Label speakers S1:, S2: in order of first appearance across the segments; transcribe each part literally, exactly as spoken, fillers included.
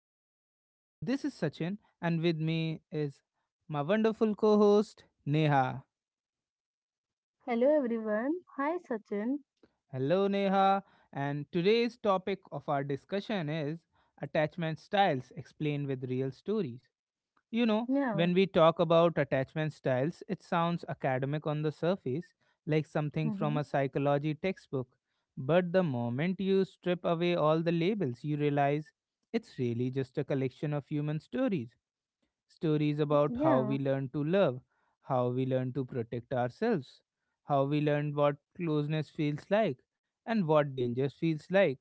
S1: series. This is Sachin, and with me is my wonderful co host, Neha.
S2: Hello everyone. Hi Sachin.
S1: Hello, Neha. And today's topic of our discussion is attachment styles explained with real stories. You know,
S2: Yeah.
S1: when we talk about attachment styles, it sounds academic on the surface, like something from
S2: Mm-hmm.
S1: a psychology textbook. But the moment you strip away all the labels, you realize it's really just a collection of human stories. Stories about how we
S2: Yeah.
S1: learn to love, how we learn to protect ourselves, how we learn what closeness feels like, and what danger feels like.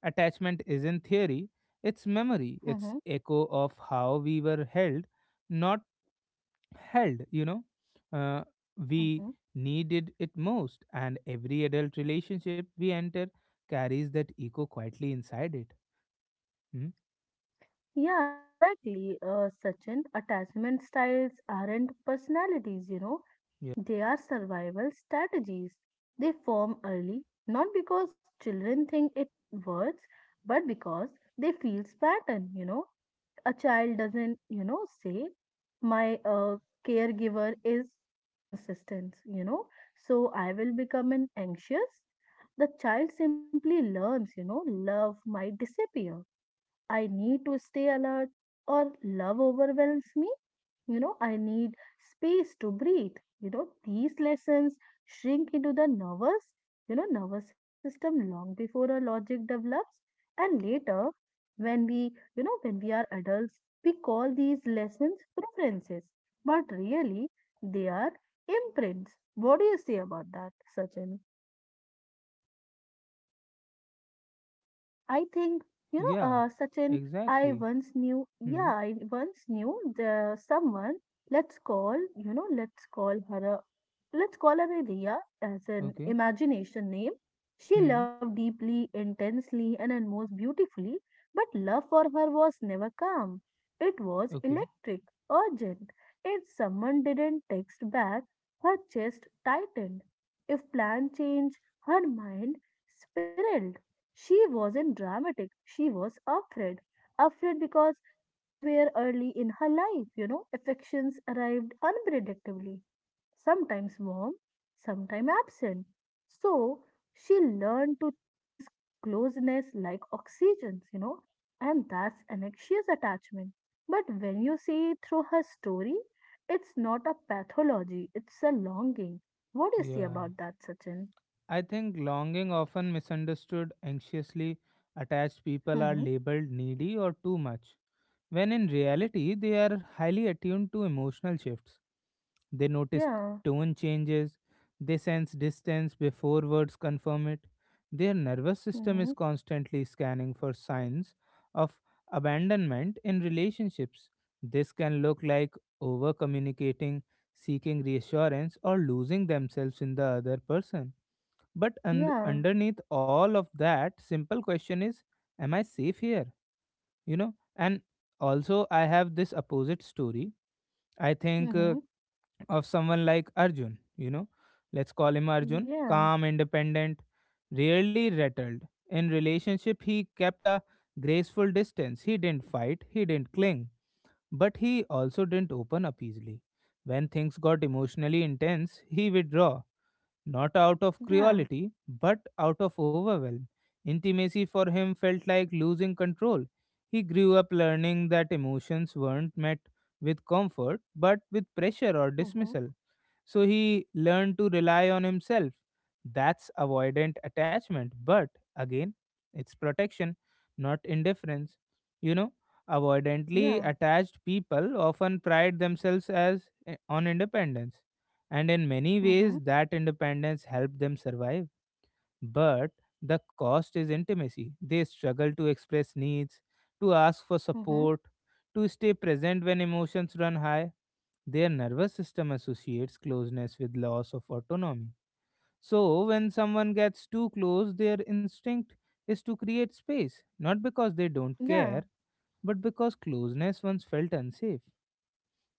S1: Attachment isn't theory, it's memory,
S2: Mm-hmm.
S1: it's echo of how we were held, not held, you know. Uh, we
S2: Mm-hmm.
S1: needed it most, and every adult relationship we enter carries that echo quietly inside it. Hmm?
S2: Yeah, exactly. Uh, Sachin, attachment styles aren't personalities, you know.
S1: Yeah.
S2: They are survival strategies. They form early, not because children think it works, but because they feel pattern, you know. A child doesn't, you know, say, my uh, caregiver is inconsistent, you know, so I will become an anxious. The child simply learns, you know, love might disappear. I need to stay alert or love overwhelms me you know I need space to breathe you know These lessons shrink into the nervous you know nervous system long before our logic develops. And later when we you know when we are adults, we call these lessons preferences, but really they are imprints. What do you say about that, Sachin? I think, you know, uh,
S1: Yeah,
S2: Sachin, I
S1: exactly.
S2: once knew,
S1: Hmm.
S2: yeah, I once knew the someone, let's call, you know, let's call her a, let's call her a Riya as an
S1: Okay.
S2: imagination name. She
S1: Hmm.
S2: loved deeply, intensely, and then most beautifully, but love for her was never calm. It was
S1: Okay.
S2: electric, urgent. If someone didn't text back, her chest tightened. If plan changed, her mind spiraled. She wasn't dramatic, she was afraid. Afraid because somewhere early in her life, you know, affections arrived unpredictably, sometimes warm, sometimes absent. So she learned to chase closeness like oxygen, you know, and that's an anxious attachment. But when you see through her story, it's not a pathology, it's a longing. What do you say
S1: Yeah.
S2: about that, Sachin?
S1: I think longing often misunderstood, anxiously attached people
S2: Hmm.
S1: are labeled needy or too much, when in reality they are highly attuned to emotional shifts. They notice
S2: Yeah.
S1: tone changes. They sense distance before words confirm it. Their nervous
S2: Hmm.
S1: system is constantly scanning for signs of abandonment in relationships. This can look like over communicating, seeking reassurance, or losing themselves in the other person. But un-
S2: Yeah.
S1: underneath all of that, simple question is, am I safe here? You know, and also I have this opposite story. I think. Uh,
S2: Mhm.
S1: of someone like Arjun, you know. Let's call him Arjun,
S2: Yeah.
S1: calm, independent, rarely rattled. In relationship, he kept a graceful distance. He didn't fight, he didn't cling, but he also didn't open up easily. When things got emotionally intense, he withdrew, not out of
S2: Yeah.
S1: cruelty, but out of overwhelm. Intimacy for him felt like losing control. He grew up learning that emotions weren't met with comfort, but with pressure or
S2: Mhm.
S1: dismissal. So he learned to rely on himself. That's avoidant attachment. But again, it's protection, not indifference. You know,
S2: Yeah.
S1: avoidantly attached people often pride themselves as eh, on independence. And in many
S2: Mhm.
S1: ways, that independence helped them survive. But the cost is intimacy. They struggle to express needs, to ask for
S2: Mhm.
S1: support, to stay present when emotions run high. Their nervous system associates closeness with loss of autonomy. So, when someone gets too close, their instinct is to create space, not because they don't
S2: Yeah.
S1: care, but because closeness once felt unsafe,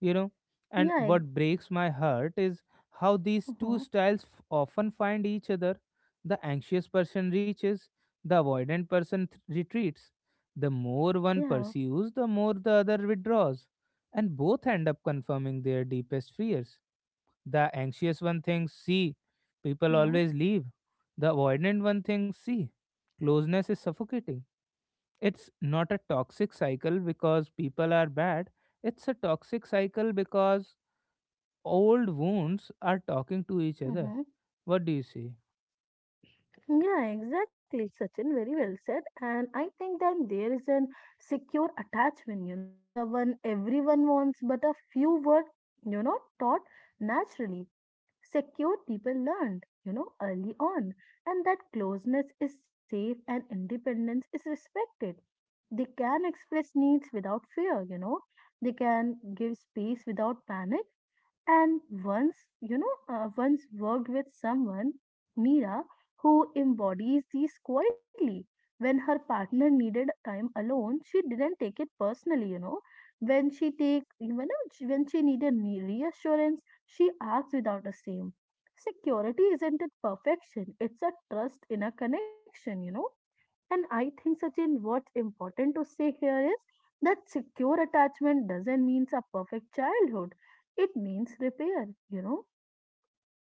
S1: you know. And
S2: Yeah. ex-
S1: what breaks my heart is how these two
S2: Mhm.
S1: styles f- often find each other. The anxious person reaches, the avoidant person th- retreats. The more one
S2: Yeah.
S1: pursues, the more the other withdraws, and both end up confirming their deepest fears. The anxious one thinks, see, people
S2: Mhm.
S1: always leave. The avoidant one thinks, see, closeness is suffocating. It's not a toxic cycle because people are bad. It's a toxic cycle because old wounds are talking to each other.
S2: Mhm.
S1: What do you say?
S2: Yeah, exactly, Sachin. Very well said. And I think that there is an secure attachment, you know, the one everyone wants, but a few were, you know, taught naturally. Secure people learned, you know, early on. And that closeness is safe and independence is respected. They can express needs without fear, you know. They can give space without panic. And once, you know, uh, once worked with someone, Mira, who embodies these quietly. When her partner needed time alone, she didn't take it personally, you know. When she take, you know, she- when she needed me- reassurance, she asked without a shame. Security isn't it perfection? It's a trust in a connection, you know And I think, Sachin, what's important to say here is that secure attachment doesn't mean a perfect childhood. It means repair, you know.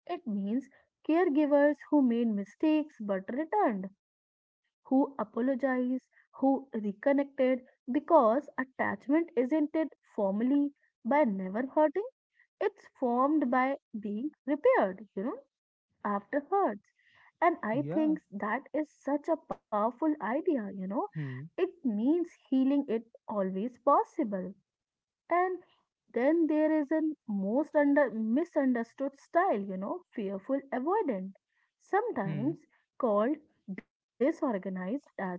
S2: It means caregivers who made mistakes but returned, who apologized, who reconnected, because attachment isn't it formally by never hurting, it's formed by being repaired, you know afterwards. And I
S1: Yeah.
S2: think that is such a powerful idea, you know.
S1: Hmm.
S2: It means healing it always possible. And then there is a most under misunderstood style, you know, fearful avoidant,
S1: Hmm.
S2: sometimes called disorganized attachment.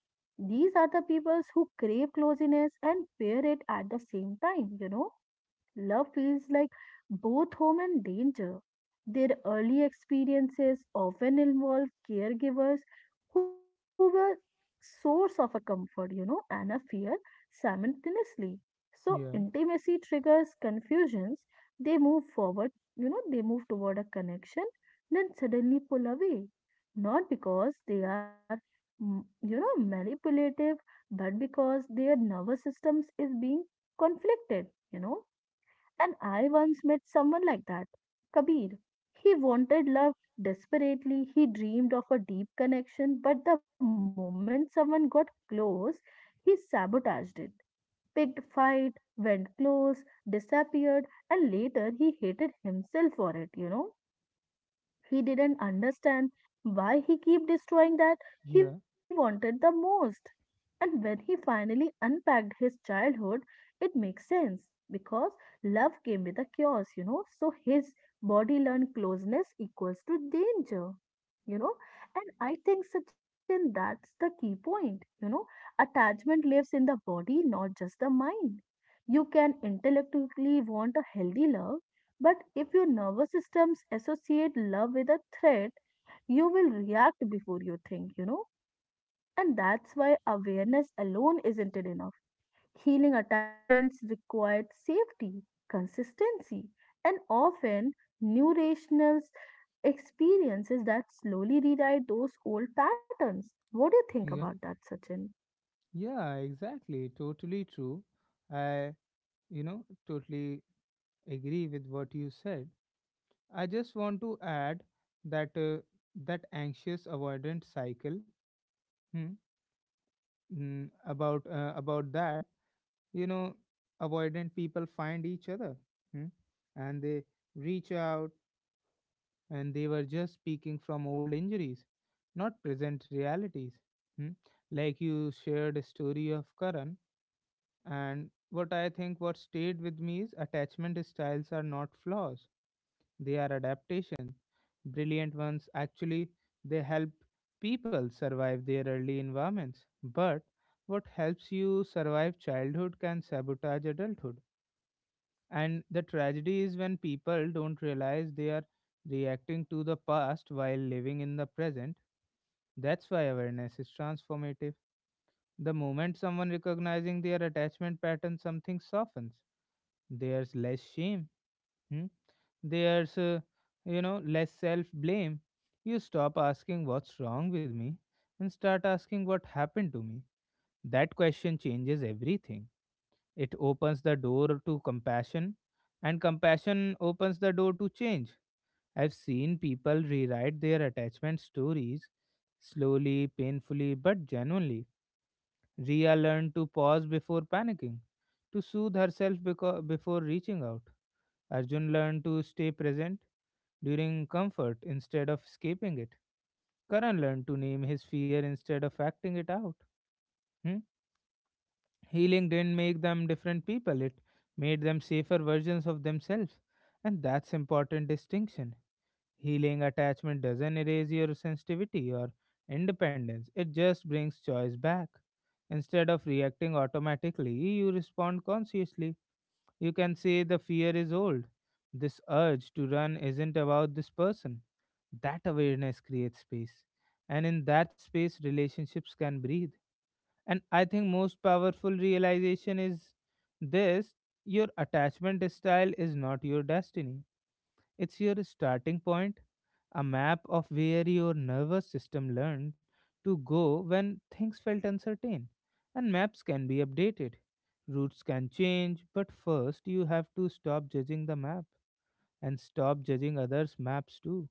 S2: These are the peoples who crave closeness and fear it at the same time, you know Love feels like both home and danger. Their early experiences often involve caregivers who were source of a comfort, you know, and a fear simultaneously. So
S1: Yeah.
S2: intimacy triggers confusions. They move forward, you know, they move toward a connection, then suddenly pull away. Not because they are, mm, you know, manipulative, but because their nervous systems is being conflicted, you know And I once met someone like that. Kabir. He wanted love desperately. He dreamed of a deep connection, but the moment someone got close, he sabotaged it. Picked fight, went close, disappeared, and later he hated himself for it, you know. He didn't understand why he kept destroying that he
S1: Yeah.
S2: wanted the most. And when he finally unpacked his childhood, it makes sense because love came with a chaos, you know. So his body learned closeness equals to danger, you know. And I think, Sachin, that's the key point, you know. Attachment lives in the body, not just the mind. You can intellectually want a healthy love, but if your nervous systems associate love with a threat, you will react before you think, you know? And that's why awareness alone isn't it enough. Healing attachments required safety, consistency, and often new rational experiences that slowly rewrite those old patterns. What do you think
S1: Yeah.
S2: about that, Sachin?
S1: Yeah. Exactly. Totally true. I, you know, Totally agree with what you said. I just want to add that uh, that anxious avoidant cycle, hmm, mm, about uh, about that you know avoidant people find each other, hmm, and they reach out, and they were just speaking from old injuries, not present realities. Hmm. Like you shared a story of Karan, and what I think what stayed with me is attachment styles are not flaws. They are adaptation. Brilliant ones actually, they help people survive their early environments. But what helps you survive childhood can sabotage adulthood. And the tragedy is when people don't realize they are reacting to the past while living in the present. That's why awareness is transformative. The moment someone recognizing their attachment pattern, something softens. There's less shame. Hmm. there's uh, you know less self blame. You stop asking what's wrong with me, and start asking what happened to me. That question changes everything. It opens the door to compassion, and compassion opens the door to change. I've seen people rewrite their attachment stories, slowly, painfully, but genuinely. Ria learned to pause before panicking, to soothe herself beco- before reaching out. Arjun learned to stay present during comfort instead of escaping it. Karan learned to name his fear instead of acting it out. Hmm? Healing didn't make them different people, it made them safer versions of themselves. And that's important distinction. Healing attachment doesn't erase your sensitivity or independence, it just brings choice back. Instead of reacting automatically, you respond consciously. You can say the fear is old. This urge to run isn't about this person. That awareness creates space. And in that space, relationships can breathe. And I think most powerful realization is this: your attachment style is not your destiny, it's your starting point, a map of where your nervous system learned to go when things felt uncertain. And maps can be updated, routes can change, but first you have to stop judging the map and stop judging others' maps too.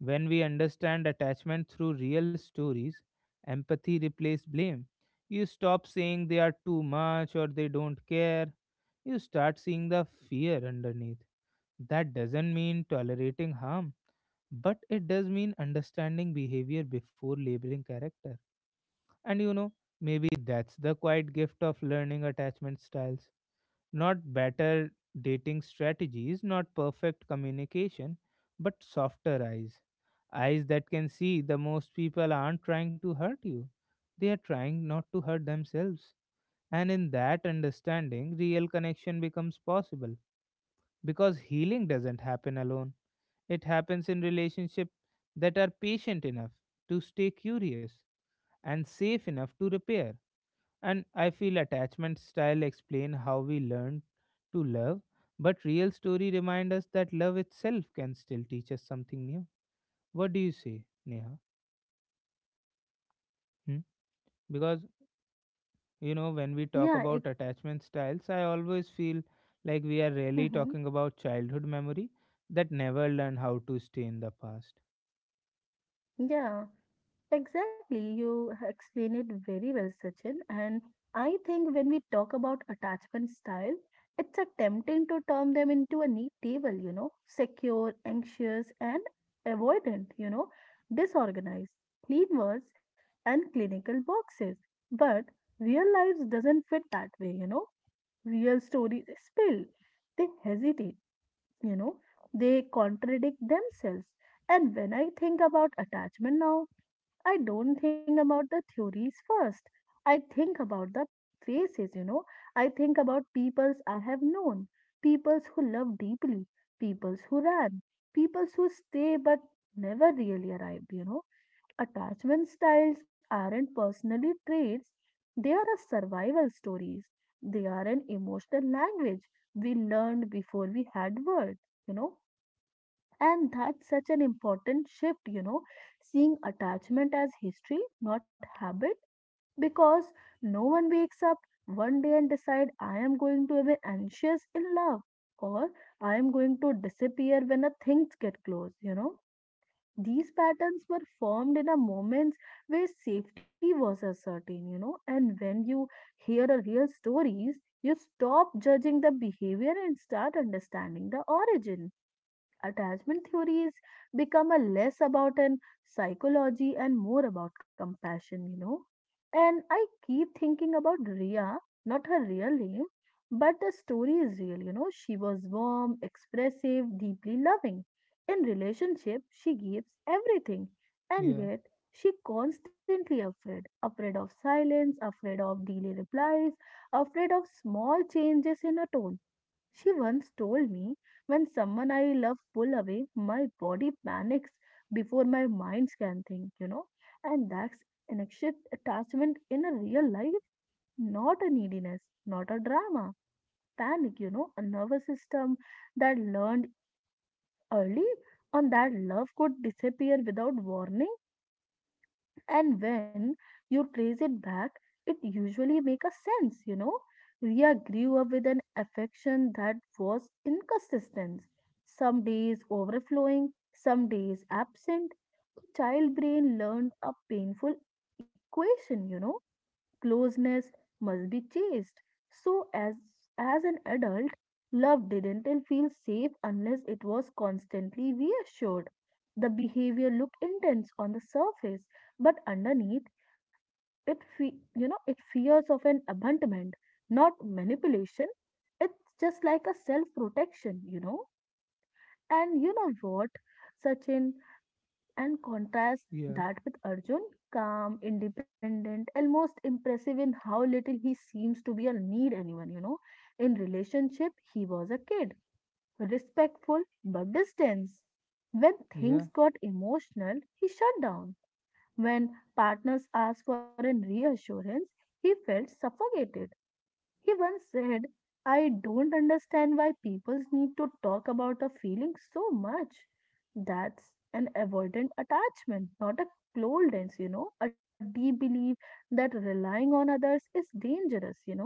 S1: When we understand attachment through real stories, empathy replaces blame. You stop saying they are too much or they don't care. You start seeing the fear underneath. That doesn't mean tolerating harm, but it does mean understanding behavior before labeling character. And you know, maybe that's the quiet gift of learning attachment styles. Not better dating strategies, not perfect communication, but softer eyes. Eyes that can see the most people aren't trying to hurt you, they are trying not to hurt themselves. And in that understanding, real connection becomes possible, because healing doesn't happen alone, it happens in relationships that are patient enough to stay curious and safe enough to repair. And I feel attachment style explain how we learn to love, but real story remind us that love itself can still teach us something new. What do you say, Neha? Hmm? Because you know when we
S2: Yeah,
S1: talk
S2: it,
S1: about attachment styles, I always feel like we are really
S2: hmm,
S1: talking about childhood memory that never learn how to stay in the past.
S2: yeah. Exactly, you h- explain it very well, Sachin. And I think when we talk about attachment style, it's a tempting to turn them into a neat table, you know, secure, anxious, and avoidant, you know, disorganized, clean words, and clinical boxes. But real lives doesn't fit that way, you know. Real stories spill, they hesitate, you know, they contradict themselves. And when I think about attachment now, I don't think about the theories first. I think about the faces, you know. I think about peoples I have known, peoples who love deeply, peoples who ran, peoples who stay but never really arrived, you know. Attachment styles aren't personally traits, they are a survival stories. They are an emotional language we learned before we had words, you know and that's such an important shift, you know, seeing attachment as history, not habit, because no one wakes up one day and decide I am going to be anxious in love or I am going to disappear when a things get close, you know. These patterns were formed in a moments where safety was uncertain, you know, and when you hear a real stories, you stop judging the behavior and start understanding the origin. Attachment theories become a less about an psychology and more about compassion you know And I keep thinking about Ria, not her real name, but the story is real you know She was warm, expressive, deeply loving. In relationship she gives everything, and
S1: Yeah,
S2: yet she constantly afraid, afraid of silence, afraid of delay replies, afraid of small changes in her tone. She once told me, when someone I love pull away, my body panics before my mind can think, you know. And that's an anxious attachment in a real life, not a neediness, not a drama. Panic, you know, a nervous system that learned early on that love could disappear without warning. And when you trace it back, it usually make a sense you know Ria grew up with an affection that was inconsistent, some days overflowing, some days absent. The child brain learned a painful equation you know Closeness must be chased. So as as an adult, love didn't and feel safe unless it was constantly reassured. The behavior looked intense on the surface, but underneath it fe- you know it fears of an abandonment, not manipulation. It's just like a self-protection, you know. And you know what, Sachin? And contrast
S1: yeah,
S2: that with Arjun, calm, independent, almost impressive in how little he seems to be or need anyone, you know. In relationship, he was a kid, respectful but distant. When things
S1: yeah,
S2: got emotional, he shut down. When partners asked for an reassurance, he felt suffocated. He once said, I don't understand why people need to talk about a feeling so much. That's an avoidant attachment, not a coldness, you know, a deep belief that relying on others is dangerous, you know.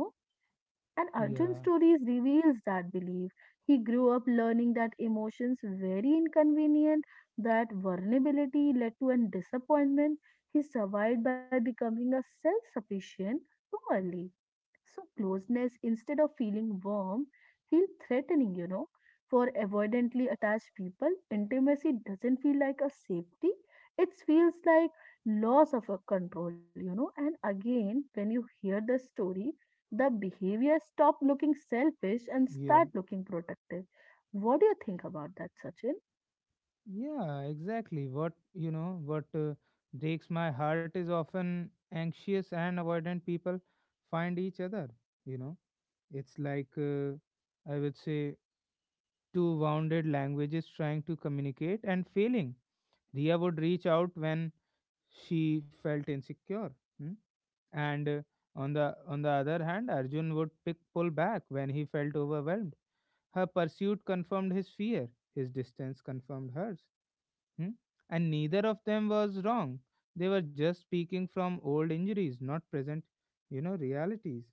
S2: And Arjun's
S1: yeah.
S2: stories reveals that belief. He grew up learning that emotions very inconvenient, that vulnerability led to a disappointment. He survived by becoming a self-sufficient too early so closeness, instead of feeling warm, feel threatening, you know. For avoidantly attached people, intimacy doesn't feel like a safety. It feels like loss of a control, you know. And again, when you hear the story, the behavior stop looking selfish and
S1: Yeah,
S2: start looking protective. What do you think about that, Sachin?
S1: yeah, exactly. What you know, what uh, breaks my heart is often anxious and avoidant people find each other. You know, it's like uh, I would say two wounded languages trying to communicate and failing. Ria would reach out when she felt insecure, hmm? and uh, on the on the other hand, Arjun would pick pull back when he felt overwhelmed. Her pursuit confirmed his fear. His distance confirmed hers. Hmm? And neither of them was wrong. They were just speaking from old injuries, not present, you know, realities.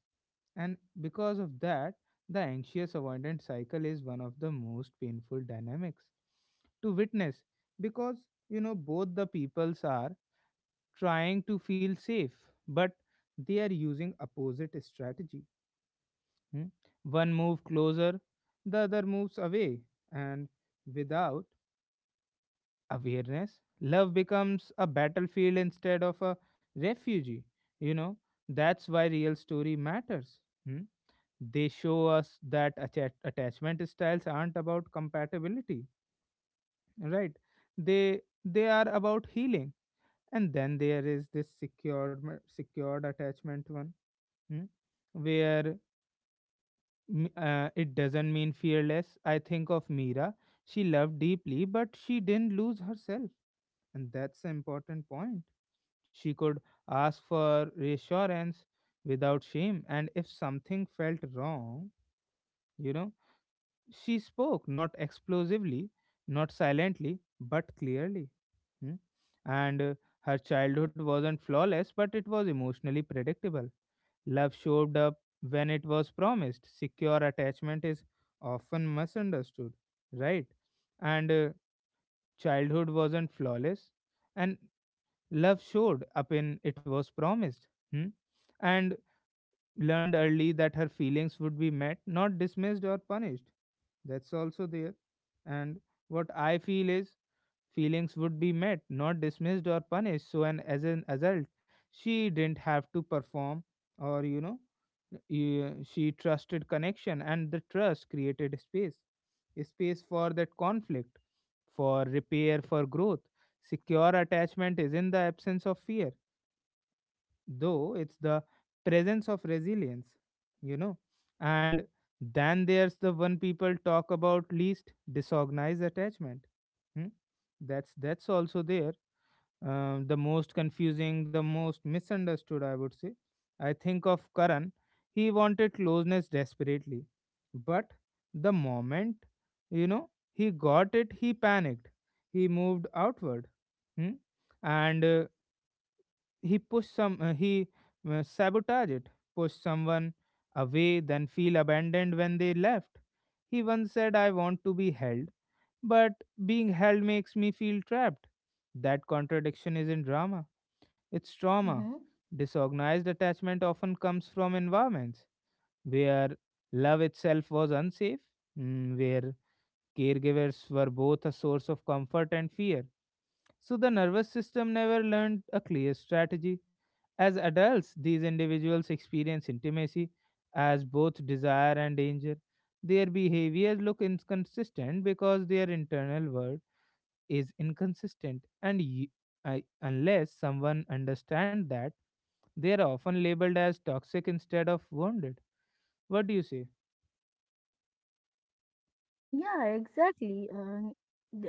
S1: And because of that, the anxious avoidant cycle is one of the most painful dynamics to witness because, you know, both the peoples are trying to feel safe, but they are using opposite strategy. Hmm? One move closer, the other moves away, and without awareness, love becomes a battlefield instead of a refugee. You know, that's why real story matters. Hmm? They show us that atta- attachment styles aren't about compatibility, right? They they are about healing. And then there is this secured ma- secured attachment one, hmm, where m- uh, it doesn't mean fearless. I think of Mira. She loved deeply, but she didn't lose herself, and that's an important point. She could ask for reassurance without shame, and if something felt wrong, you know, she spoke, not explosively, not silently, but clearly. Hmm. And uh, Her childhood wasn't flawless, but it was emotionally predictable. Love showed up when it was promised. Secure attachment is often misunderstood, right? And uh, Childhood wasn't flawless, and love showed up in it was promised. Hmm? And learned early that her feelings would be met, not dismissed or punished. That's also there. And what I feel is feelings would be met, not dismissed or punished. So, and as an adult, she didn't have to perform or, you know, y- she trusted connection, and the trust created space, a space for that conflict, for repair, for growth. Secure attachment is in the absence of fear, though it's the presence of resilience, you know. And then there's the one people talk about least, disorganized attachment. Hmm? that's that's also there. Um, the most confusing, the most misunderstood I would say. I think of Karan. He wanted closeness desperately, but the moment, you know, he got it he panicked. He moved outward. Hmm? and uh, he pushed some uh, he uh, sabotage it, pushed someone away, then feel abandoned when they left. He once said, I want to be held, but being held makes me feel trapped. That contradiction isn't drama, it's trauma. Disorganized attachment often comes from environments where love itself was unsafe. Mm, where caregivers were both a source of comfort and fear, so the nervous system never learned a clear strategy. As adults, these individuals experience intimacy as both desire and danger. Their behaviors look inconsistent because their internal world is inconsistent, and y- I, unless someone understands that, they are often labeled as toxic instead of wounded. What do you say?
S2: Yeah, exactly. And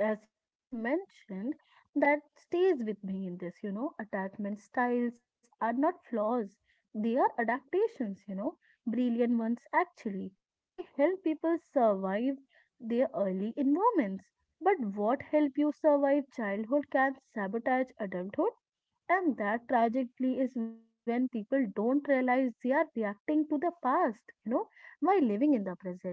S2: as you have mentioned, that stays with me in this, you know, Attachment styles are not flaws. They are adaptations, you know, brilliant ones actually. They help people survive their early environments. But what help you survive childhood can sabotage adulthood. And that tragically is when people don't realize they are reacting to the past, you know, while living in the present.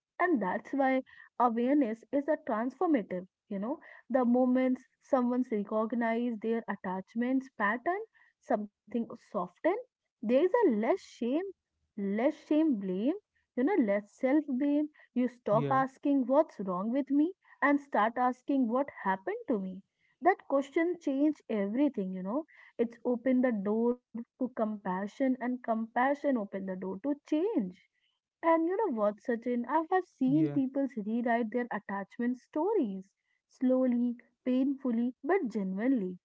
S2: And that's why awareness is a transformative, you know, The moments someone's recognize their attachments pattern, something soften, there is a less shame, less shame blame, you know, less self-blame. You stop
S1: Yeah,
S2: asking what's wrong with me and start asking what happened to me. That question changed everything, you know. It's opened the door to compassion and compassion opened the door to change. And you know what, Sachin? I have seen
S1: yeah,
S2: people rewrite their attachment stories slowly, painfully, but genuinely.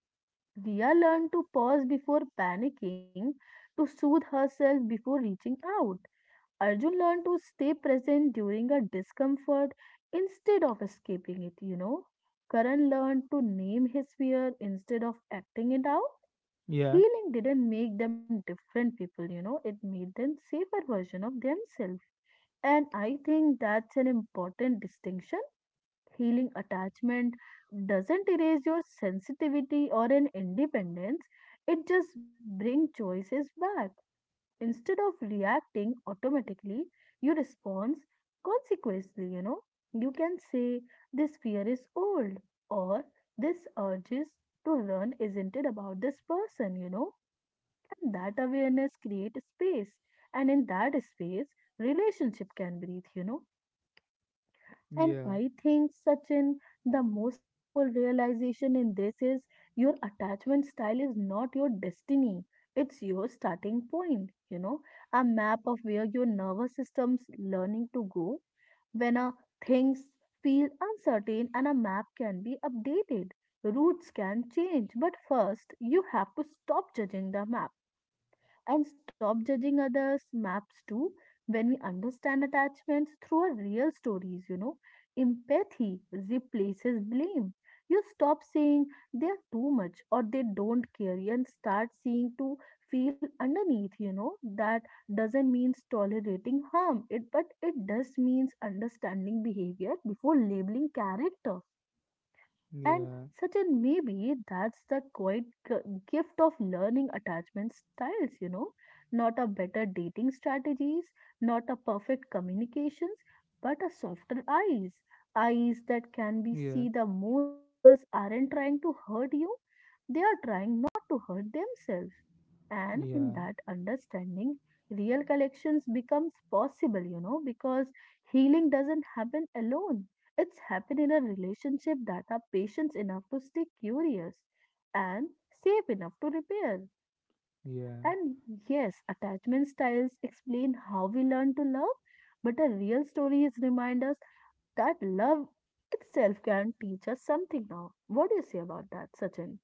S2: Ria learned to pause before panicking, to soothe herself before reaching out. Arjun learned to stay present during a discomfort instead of escaping it, you know. Karan learned to name his fear instead of acting it out.
S1: yeah,
S2: Healing didn't make them different people, you know, it made them safer version of themselves. And I think that's an important distinction. Healing attachment doesn't erase your sensitivity or an independence, it just brings choices back. Instead of reacting automatically, you respond consequently, you know. You can say, "This fear is old," or, "This urges to run isn't it about this person," you know. And that awareness creates space, and in that space, relationship can breathe, you know and
S1: yeah,
S2: I think, Sachin, the most powerful realization in this is your attachment style is not your destiny, it's your starting point. You know, a map of where your nervous system's learning to go when uh, things feel uncertain, and a map can be updated. Routes can change, but first you have to stop judging the map and stop judging others maps too. When we understand attachments through our real stories, you know empathy replaces blame. You stop saying they're too much or they don't care and start seeing to feel underneath, you know that doesn't mean tolerating harm, it but it does means understanding behavior before labeling character. And
S1: yeah,
S2: certain maybe that's the quite g- gift of learning attachment styles, you know, not a better dating strategies, not a perfect communications, but a softer eyes, eyes that can be
S1: yeah,
S2: see the most people's aren't trying to hurt you, they are trying not to hurt themselves. And
S1: yeah,
S2: in that understanding, real collections becomes possible, you know, because healing doesn't happen alone, it's happen in a relationship that are patient enough to stay curious and safe enough to repair.
S1: yeah.
S2: And yes, attachment styles explain how we learn to love, but a real story is remind us that love itself can teach us something now. What do you say about that, Sachin?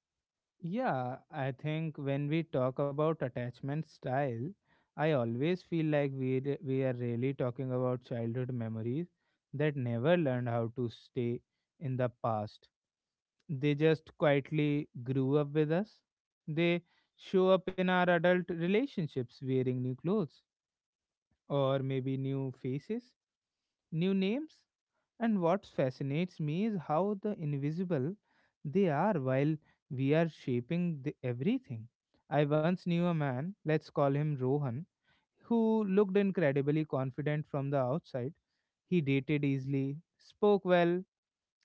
S1: Yeah, I think when we talk about attachment style, I always feel like we re- we are really talking about childhood memories that never learned how to stay in the past. They just quietly grew up with us. They show up in our adult relationships wearing new clothes or maybe new faces, new names. And what fascinates me is how the invisible they are while we are shaping the everything. I once knew a man, let's call him Rohan, who looked incredibly confident from the outside. He dated easily, spoke well,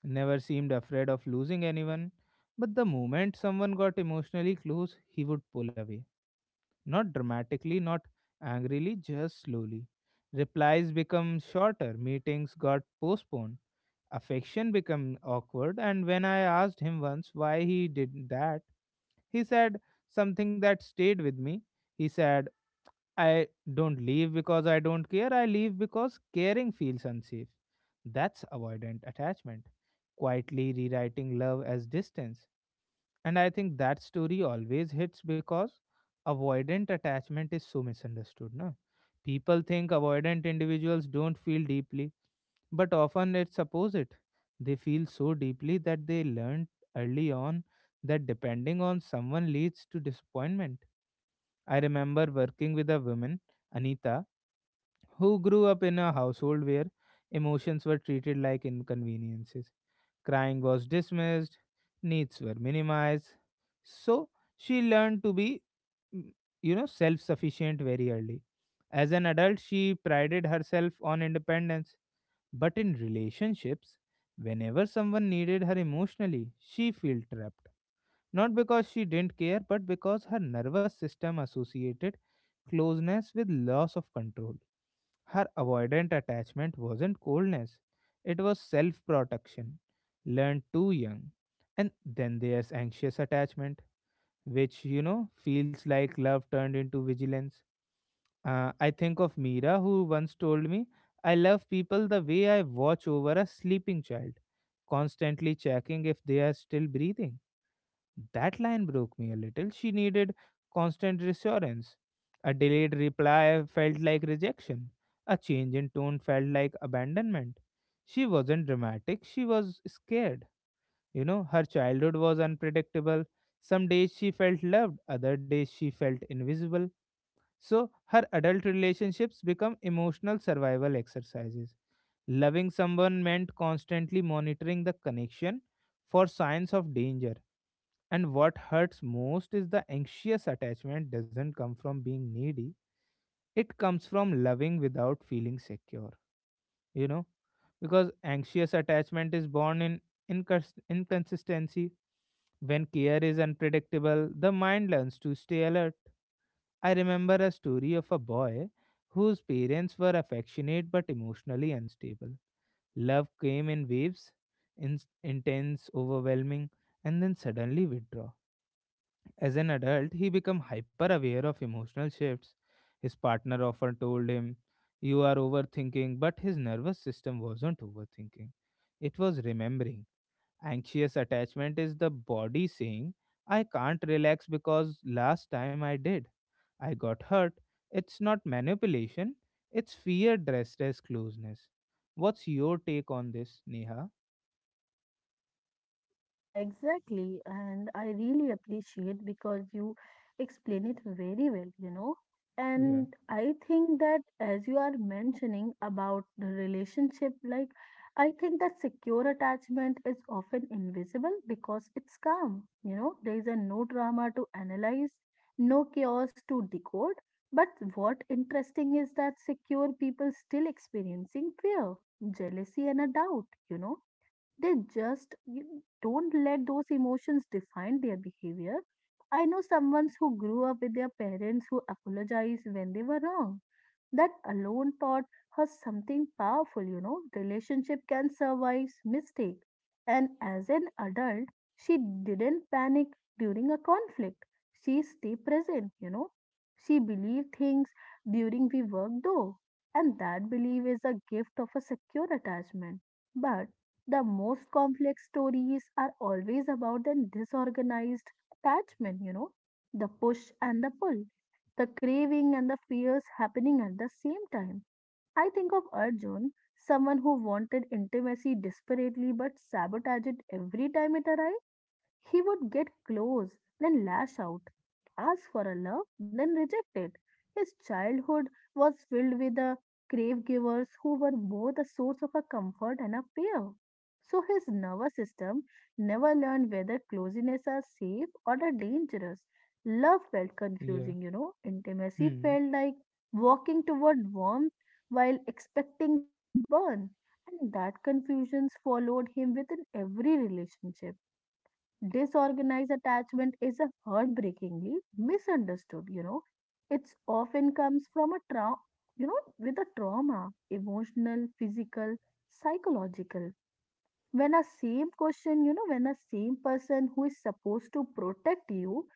S1: never seemed afraid of losing anyone. But the moment someone got emotionally close, he would pull away. Not dramatically, not angrily, just slowly. Replies become shorter, meetings got postponed, affection became awkward. And when I asked him once why he did that, he said something that stayed with me. He said, I don't leave because I don't care. I leave because caring feels unsafe. That's avoidant attachment, quietly rewriting love as distance. And I think that story always hits because avoidant attachment is so misunderstood. Na? People think avoidant individuals don't feel deeply, but often it's opposite. They feel so deeply that they learned early on that depending on someone leads to disappointment. I remember working with a woman, Anita, who grew up in a household where emotions were treated like inconveniences. Crying was dismissed, needs were minimized. So she learned to be, mm, you know, self sufficient very early. As an adult, she prided herself on independence. But in relationships, whenever someone needed her emotionally, she felt trapped. Not because she didn't care, but because her nervous system associated closeness with loss of control. Her avoidant attachment wasn't coldness, it was self protection, learned too young. And then there's anxious attachment, which, you know, feels like love turned into vigilance. Uh, I think of Meera, who once told me, I love people the way I watch over a sleeping child, constantly checking if they are still breathing. That line broke me a little. She needed constant reassurance. A delayed reply felt like rejection. A change in tone felt like abandonment. She wasn't dramatic, she was scared. You know, her childhood was unpredictable. Some days she felt loved, other days she felt invisible. So, her adult relationships become emotional survival exercises. Loving someone meant constantly monitoring the connection for signs of danger. And what hurts most is the anxious attachment doesn't come from being needy, it comes from loving without feeling secure, you know, because anxious attachment is born in incons- inconsistency. When care is unpredictable, the mind learns to stay alert. I remember a story of a boy whose parents were affectionate but emotionally unstable. Love came in waves, in- intense, overwhelming, and then suddenly withdraw. As an adult, he became hyper aware of emotional shifts. His partner often told him, You are overthinking, but his nervous system wasn't overthinking. It was remembering. Anxious attachment is the body saying, I can't relax because last time I did, I got hurt. It's not manipulation, it's fear dressed as closeness. What's your take on this, Neha?
S2: Yeah, exactly. And I really appreciate because you explain it very well, you know.
S1: Yeah,
S2: And I think that as you are mentioning about the relationship, like I think that secure attachment is often invisible because it's calm, you know. There is a no drama to analyze, no chaos to decode. But what interesting is that secure people still experiencing fear, jealousy, and a doubt, you know they just you don't let those emotions define their behavior. I know someone who grew up with their parents who apologized when they were wrong. That alone taught her something powerful, you know. Relationship can survive mistake. And as an adult, she didn't panic during a conflict. She stayed present, you know. She believed things during we work though. And that belief is a gift of a secure attachment. But the most complex stories are always about the disorganized attachment, you know, the push and the pull, the craving and the fears happening at the same time. I think of Arjun, someone who wanted intimacy desperately but sabotaged it every time it arrived. He would get close, then lash out, ask for a love, then reject it. His childhood was filled with the grave givers who were both a source of a comfort and a fear. So his nervous system never learned whether closeness are safe or are dangerous. Love felt
S1: yeah,
S2: confusing, you know. Intimacy
S1: hmm,
S2: felt like walking toward warmth while expecting to get burned. And that confusion followed him within every relationship. Disorganized attachment is a heartbreakingly misunderstood, you know. It's often comes from a trauma, you know, with a trauma, emotional, physical, psychological. When a same question, you know, when a same person who is supposed to protect you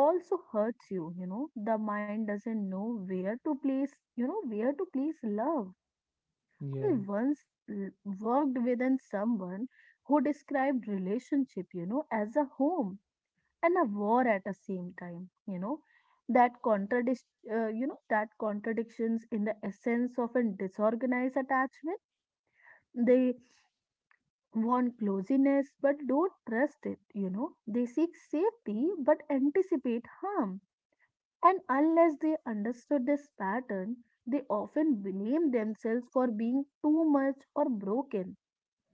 S2: also hurts you, you know, the mind doesn't know where to place, you know, where to place love. I
S1: yeah,
S2: once l- worked within someone who described relationship, you know, as a home and a war at the same time, you know that contradict uh, you know that contradictions in the essence of a disorganized attachment. They want closeness but don't trust it, you know they seek safety but anticipate harm, and unless they understood this pattern, they often blame themselves for being too much or broken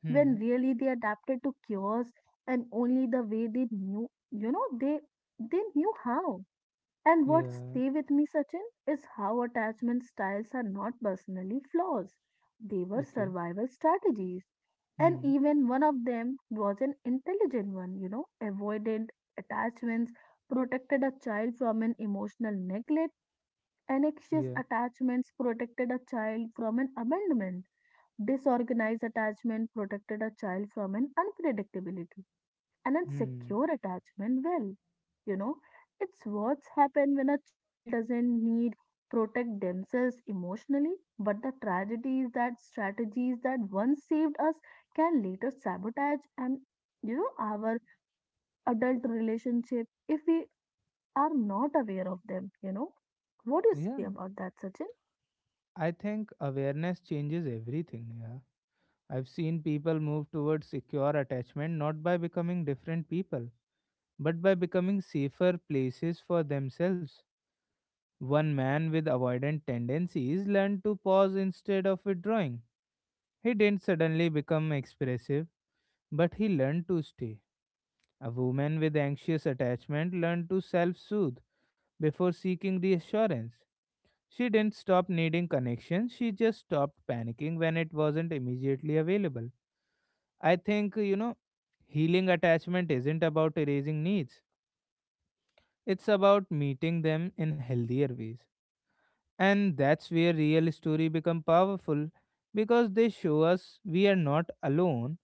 S1: hmm,
S2: when really they adapted to chaos and only the way they knew, you know they they knew how. And what
S1: yeah,
S2: stay with me, Sachin, is how attachment styles are not personally flaws. They were
S1: okay.
S2: survival strategies. And
S1: Hmm.
S2: even one of them was an intelligent one, you know, avoidant attachments protected a child from an emotional neglect, and anxious
S1: Yeah.
S2: attachments protected a child from an abandonment, disorganized attachment protected a child from an unpredictability. And an
S1: Hmm.
S2: secure attachment well, you know, it's what's happened when a child doesn't need protect themselves emotionally, but the tragedy is that strategies that once saved us can later sabotage and you know our adult relationship if we are not aware of them, you know. What do you say
S1: Yeah.
S2: about that, Sachin?
S1: I think awareness changes everything. Yeah. I've seen people move towards secure attachment not by becoming different people, but by becoming safer places for themselves. One man with avoidant tendencies learned to pause instead of withdrawing. He didn't suddenly become expressive, but he learned to stay. A woman with anxious attachment learned to self soothe before seeking reassurance. She didn't stop needing connections, she just stopped panicking when it wasn't immediately available. I think, you know, healing attachment isn't about erasing needs, it's about meeting them in healthier ways. And that's where real story become powerful because they show us we are not alone.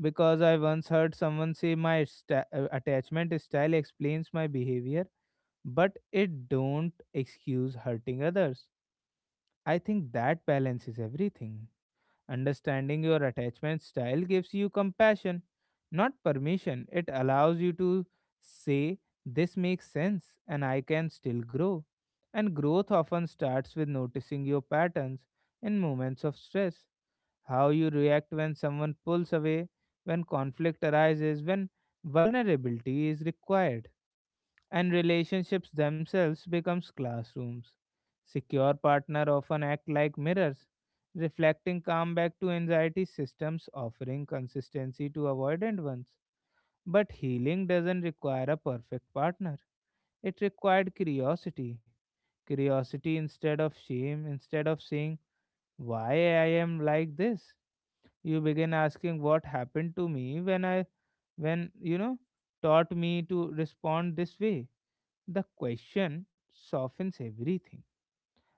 S1: Because I once heard someone say, my sta- uh, attachment style explains my behavior, but it don't excuse hurting others. I think that balance is everything. Understanding your attachment style gives you compassion, not permission. It allows you to say, This makes sense, and I can still grow. And growth often starts with noticing your patterns in moments of stress, how you react when someone pulls away, when conflict arises, when vulnerability is required. And relationships themselves becomes classrooms. Secure partner often act like mirrors, reflecting calm back to anxiety systems, offering consistency to avoidant ones. But healing doesn't require a perfect partner. It required curiosity. Curiosity instead of shame, instead of saying, Why I am like this? You begin asking what happened to me when I when you know taught me to respond this way. The question softens everything.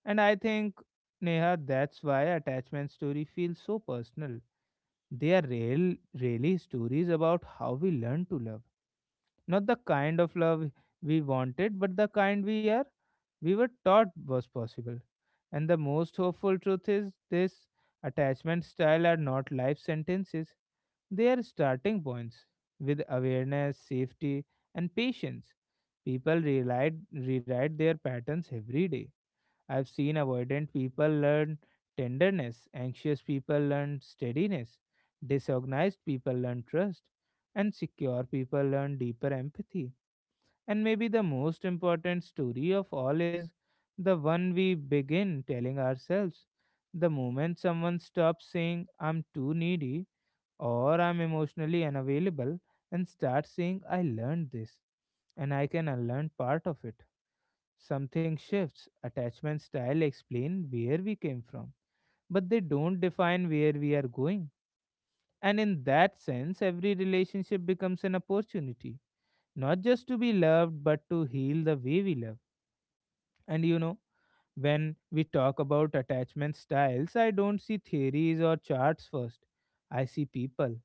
S1: And I think, Neha, that's why attachment story feels so personal. They are real, really stories about how we learn to love. Not the kind of love we wanted, but the kind we are we were taught was possible. And the most hopeful truth is this, attachment style are not life sentences. They are starting points with awareness, safety, and patience. People rewrite, rewrite their patterns every day. I've seen avoidant people learn tenderness, anxious people learn steadiness, disorganized people learn trust, and secure people learn deeper empathy. And maybe the most important story of all is the one we begin telling ourselves. The moment someone stops saying, I'm too needy or I'm emotionally unavailable, and starts saying, I learned this and I can unlearn part of it. Something shifts. Attachment style explain where we came from, but they don't define where we are going. And in that sense, every relationship becomes an opportunity, not just to be loved, but to heal the way we love. And you know, when we talk about attachment styles, I don't see theories or charts first. I see people.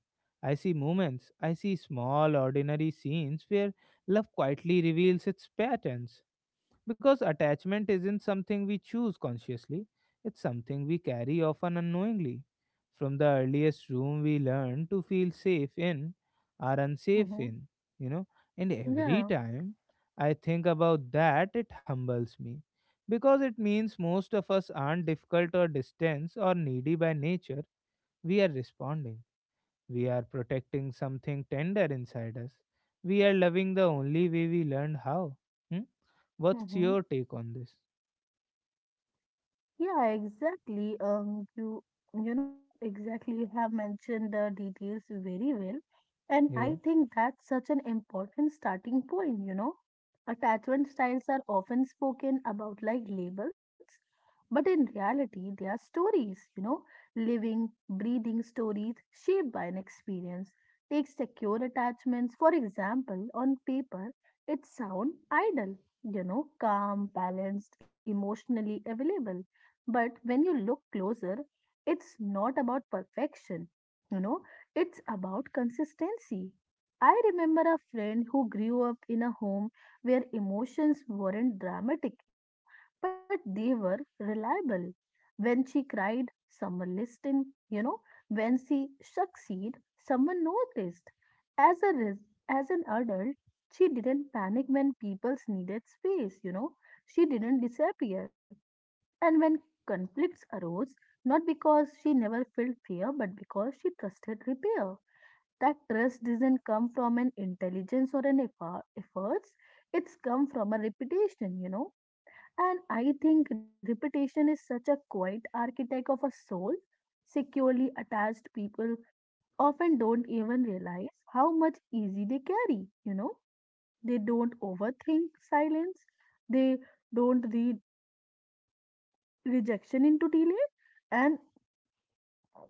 S1: I see moments. I see small, ordinary scenes where love quietly reveals its patterns because attachment isn't something we choose consciously, it's something we carry often unknowingly. From the earliest room we learn to feel safe in, are unsafe
S2: Mm-hmm.
S1: in, you know. And every
S2: Yeah.
S1: time I think about that, it humbles me. Because it means most of us aren't difficult or distant or needy by nature. We are responding. We are protecting something tender inside us. We are loving the only way we learned how. Hmm? What's
S2: Mm-hmm.
S1: your take on this?
S2: Yeah, exactly. Um, you you know uh, exactly. You have mentioned the details very well, and
S1: Yeah,
S2: I think that's such an important starting point. You know, attachment styles are often spoken about like labels, but in reality, they are stories. You know, living, breathing stories shaped by an experience. Take secure attachments, for example, on paper, it sound idle. You know, calm, balanced, emotionally available, but when you look closer, it's not about perfection, you know, it's about consistency. I remember a friend who grew up in a home where emotions weren't dramatic, you know, but they were reliable. When she cried, someone listened, you know, when she succeeded, someone noticed. As a res- as an adult, she didn't panic when people needed space, you know. She didn't disappear and when conflicts arose, not because she never felt fear, but because she trusted repair. That trust doesn't come from an intelligence or an effort, efforts. It's come from a reputation, you know. And I think reputation is such a quiet architect of a soul. Securely attached people often don't even realize how much easy they carry, you know. They don't overthink silence. They don't read rejection into delay, and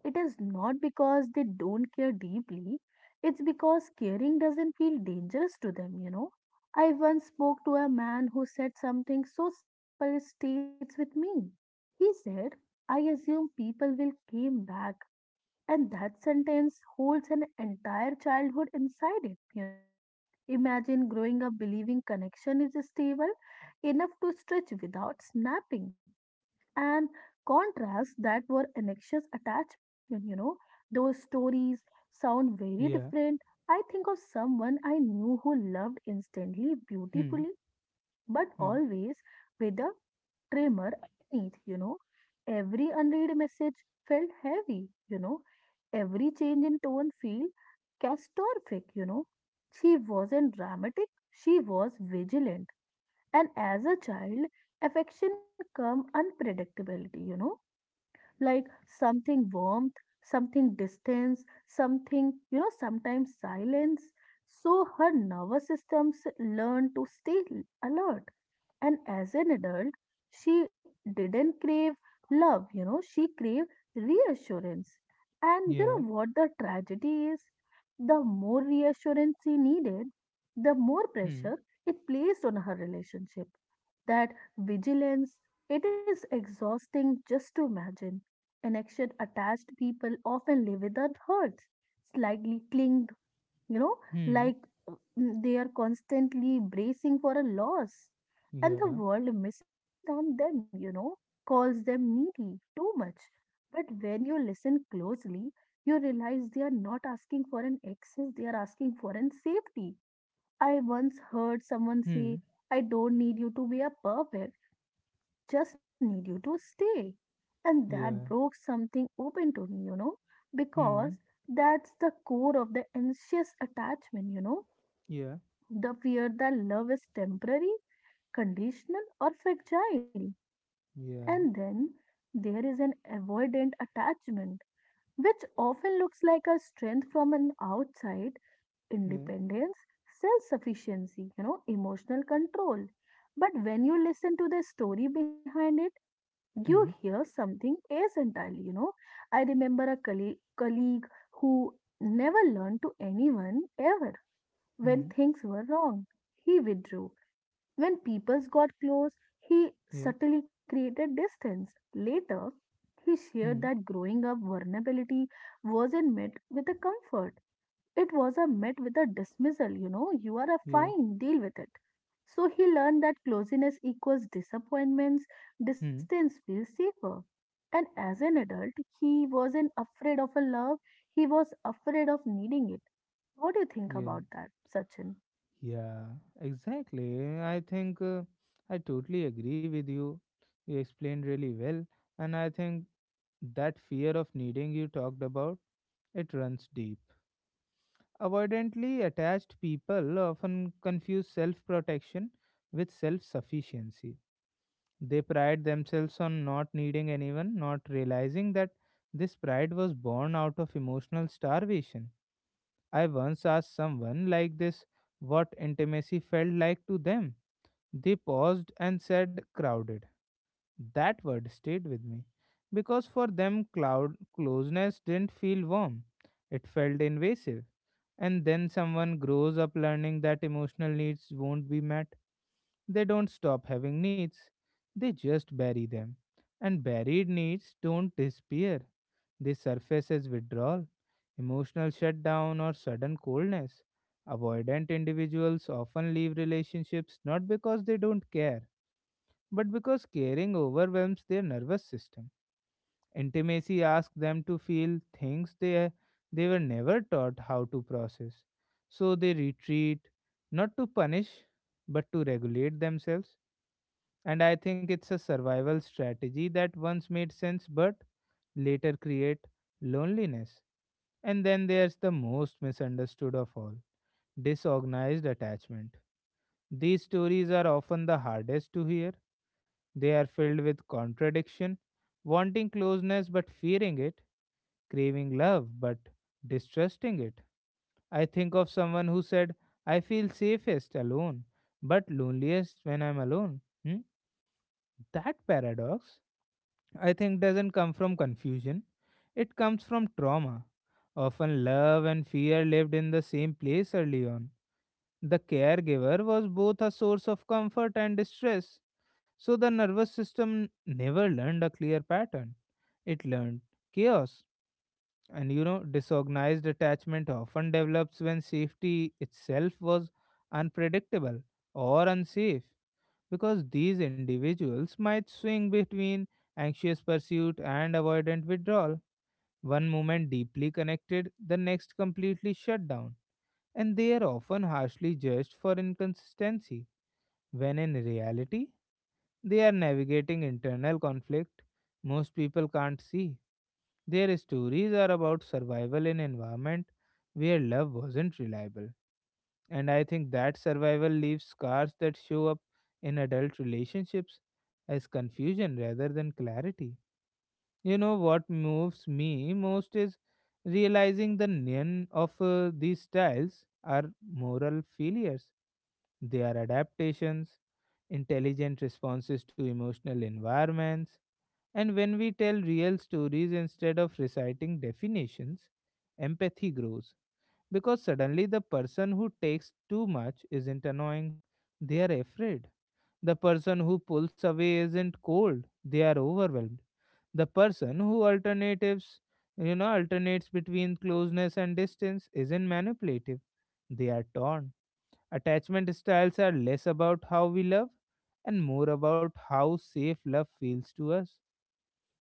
S2: it is not because they don't care deeply, it's because caring doesn't feel dangerous to them, you know. I once spoke to a man who said something so simple it stays with me. He said, "I assume people will came back," and that sentence holds an entire childhood inside it, you know. Imagine growing up believing connection is stable enough to stretch without snapping, and contrasts that were anxious attachment, you know those stories sound very
S1: yeah,
S2: different. I think of someone I knew who loved instantly,
S1: hmm,
S2: beautifully, but
S1: hmm,
S2: always with a tremor underneath, you know every unread message felt heavy, you know every change in tone feel catastrophic, you know she wasn't dramatic, she was vigilant. And as a child, affection come unpredictability, you know like something warmth, something distance, something, you know, sometimes silence. So her nervous systems learn to stay alert, and as an adult, she didn't crave love, you know, she craved reassurance. And you
S1: yeah,
S2: know what the tragedy is? The more reassurance she needed, the more
S1: hmm,
S2: pressure it placed on her relationship. That vigilance, it is exhausting just to imagine. An action attached people often live with their hurts, slightly clinging, you know,
S1: hmm,
S2: like uh, mm, they are constantly bracing for a loss. And the
S1: yeah,
S2: world misunderstands them, you know, calls them needy too much. But when you listen closely, you realize they are not asking for an excess, they are asking for an safety. I once heard someone say,
S1: hmm,
S2: "I don't need you to be a perfect, just need you to stay." And
S1: yeah,
S2: that broke something open to me, you know,
S1: hmm,
S2: because that's the core of the anxious attachment, you know
S1: yeah,
S2: the fear that love is temporary, conditional, or fragile. And
S1: yeah,
S2: then there is an avoidant attachment, which often looks like a strength from an outside,
S1: yeah,
S2: independence, self sufficiency, you know, emotional control. But when you listen to the story behind it, you
S1: hmm,
S2: hear something else entirely, you know. I remember a colleague, colleague who never learned to anyone ever when
S1: hmm,
S2: things were wrong. He withdrew when peoples got close, he
S1: yeah,
S2: subtly created distance. Later, he shared
S1: hmm,
S2: that growing up vulnerability wasn't met with a comfort. It was a met with a dismissal, you know, "You are a
S1: yeah,
S2: fine, deal with it." So he learned that closeness equals disappointments,
S1: hmm,
S2: distance feels safer. And as an adult, he wasn't afraid of a love, he was afraid of needing it. What do you think
S1: yeah,
S2: about that, Sachin?
S1: yeah. Exactly. I think uh, I totally agree with you. You explained really well, and I think that fear of needing you talked about, it runs deep. Avoidantly attached people often confuse self protection with self sufficiency. They pride themselves on not needing anyone, not realizing that this pride was born out of emotional starvation. I once asked someone like this what intimacy felt like to them. They paused and said, crowded. That word stayed with me because for them, cloud- closeness didn't feel warm, it felt invasive. And then someone grows up learning that emotional needs won't be met. They don't stop having needs, they just bury them. And buried needs don't disappear, they surface as withdrawal, emotional shutdown, or sudden coldness. Avoidant individuals often leave relationships not because they don't care, but because caring overwhelms their nervous system. Intimacy asks them to feel things they, they were never taught how to process. So they retreat, not to punish, but to regulate themselves. And I think it's a survival strategy that once made sense but later create loneliness. And then there's the most misunderstood of all, disorganized attachment. These stories are often the hardest to hear. They are filled with contradiction, wanting closeness but fearing it, craving love but distrusting it. I think of someone who said, I feel safest alone, but loneliest when I'm alone. Hmm? That paradox, I think, doesn't come from confusion, it comes from trauma. Often, love and fear lived in the same place early on. The caregiver was both a source of comfort and distress, so the nervous system never learned a clear pattern. It learned chaos. And you know, disorganized attachment often develops when safety itself was unpredictable or unsafe, because these individuals might swing between anxious pursuit and avoidant withdrawal, one moment deeply connected, the next completely shut down, and they are often harshly judged for inconsistency, when in reality, they are navigating internal conflict most people can't see. Their stories are about survival in environment where love wasn't reliable. And I think that survival leaves scars that show up in adult relationships as confusion rather than clarity. You know what moves me most is realizing the none of uh, these styles are moral failures. They are adaptations, intelligent responses to emotional environments. And when we tell real stories instead of reciting definitions, empathy grows because suddenly the person who takes too much isn't annoying, they are afraid. The person who pulls away isn't cold, they are overwhelmed. The person who alternatives, you know, alternates between closeness and distance isn't manipulative, they are torn. Attachment styles are less about how we love and more about how safe love feels to us,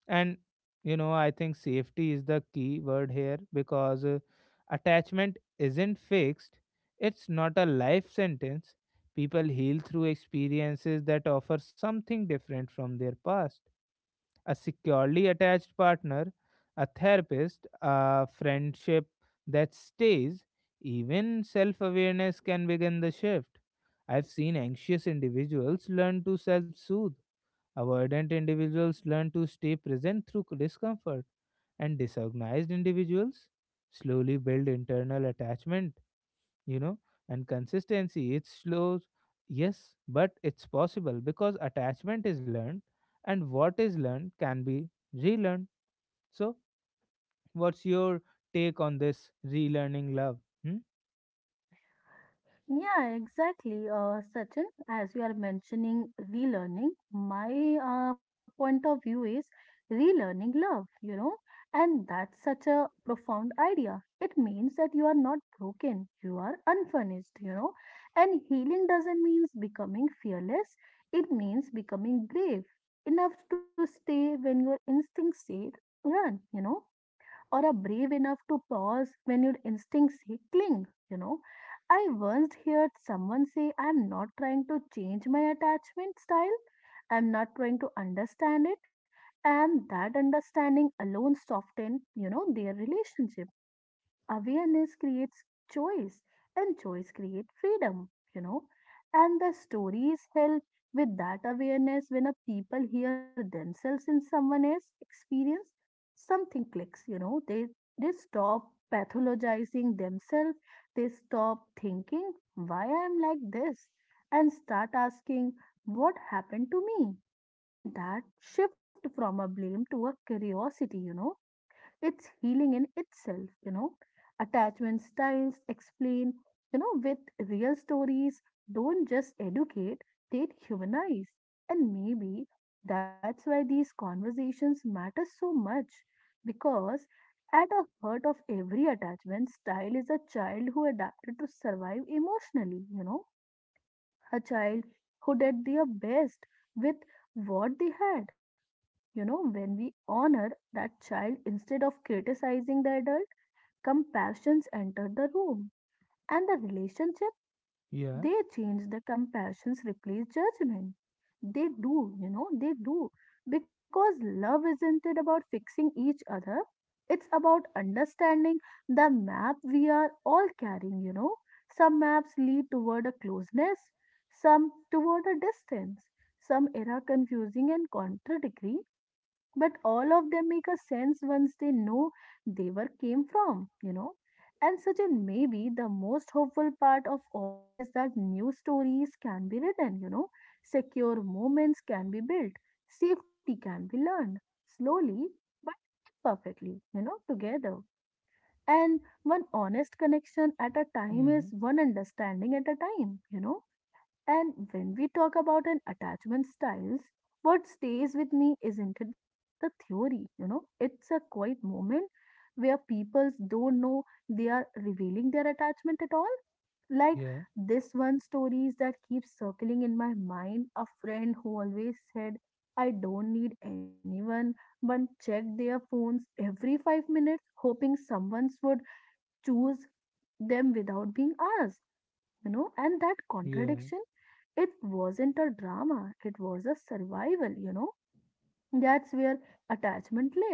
S1: and you know I think safety is the key word here because uh, attachment isn't fixed, it's not a life sentence. People heal through experiences that offer something different from their past: a securely attached partner, a therapist, a friendship that stays. Even self-awareness can begin the shift. I've seen anxious individuals learn to self-soothe, avoidant individuals learn to stay present through discomfort, and disorganized individuals slowly build internal attachment, you know, and consistency. It's slow, yes, but it's possible because attachment is learned, and what is learned can be relearned. So, what's your take on this relearning love? Hmm?
S2: Yeah, exactly, uh, Sachin. As you are mentioning relearning, my uh, point of view is relearning love, you know, and that's such a profound idea. It means that you are not broken, you are unfurnished, you know, and healing doesn't mean becoming fearless, it means becoming brave enough to stay when your instincts say run, you know or are brave enough to pause when your instincts say cling, you know. I once heard someone say, "I'm not trying to change my attachment style, I'm not trying to understand it." And that understanding alone softened, you know, their relationship. Awareness creates choice, and choice creates freedom, you know. And the stories help with that awareness when a people hear themselves in someone else's experience, something clicks, you know. They they stop pathologizing themselves, they stop thinking why I'm like this and start asking what happened to me. And that shift from a blame to a curiosity, you know it's healing in itself, you know. Attachment styles explain, you know, with real stories, don't just educate, they humanize. And maybe that's why these conversations matter so much because at the heart of every attachment style is a child who adapted to survive emotionally, you know, a child who did their best with what they had you know, when we honor that child instead of criticizing the adult, compassions enter the room and the relationship
S1: Yeah,
S2: they change the compassions, replace judgment. They do, you know, they do. Because love isn't it about fixing each other? It's about understanding the map we are all carrying, you know. Some maps lead toward a closeness, some toward a distance, some are confusing and contradictory, but all of them make a sense once they know they were came from, you know and Sachin, maybe the most hopeful part of all this that new stories can be written, you know, secure moments can be built, safety can be learned slowly but perfectly, you know, together. And one honest connection at a time is
S1: hmm,
S2: one understanding at a time, you know. And when we talk about an attachment styles, what stays with me isn't it the theory, you know, it's a quiet moment where people don't know they are revealing their attachment at all. Like
S1: yeah,
S2: this one stories that keeps circling in my mind, a friend who always said, I don't need anyone, but checked their phones every five minutes, hoping someone would choose them without being asked. You know, and that
S1: yeah,
S2: contradiction it wasn't a drama, it was a survival, you know. That's where attachment lives.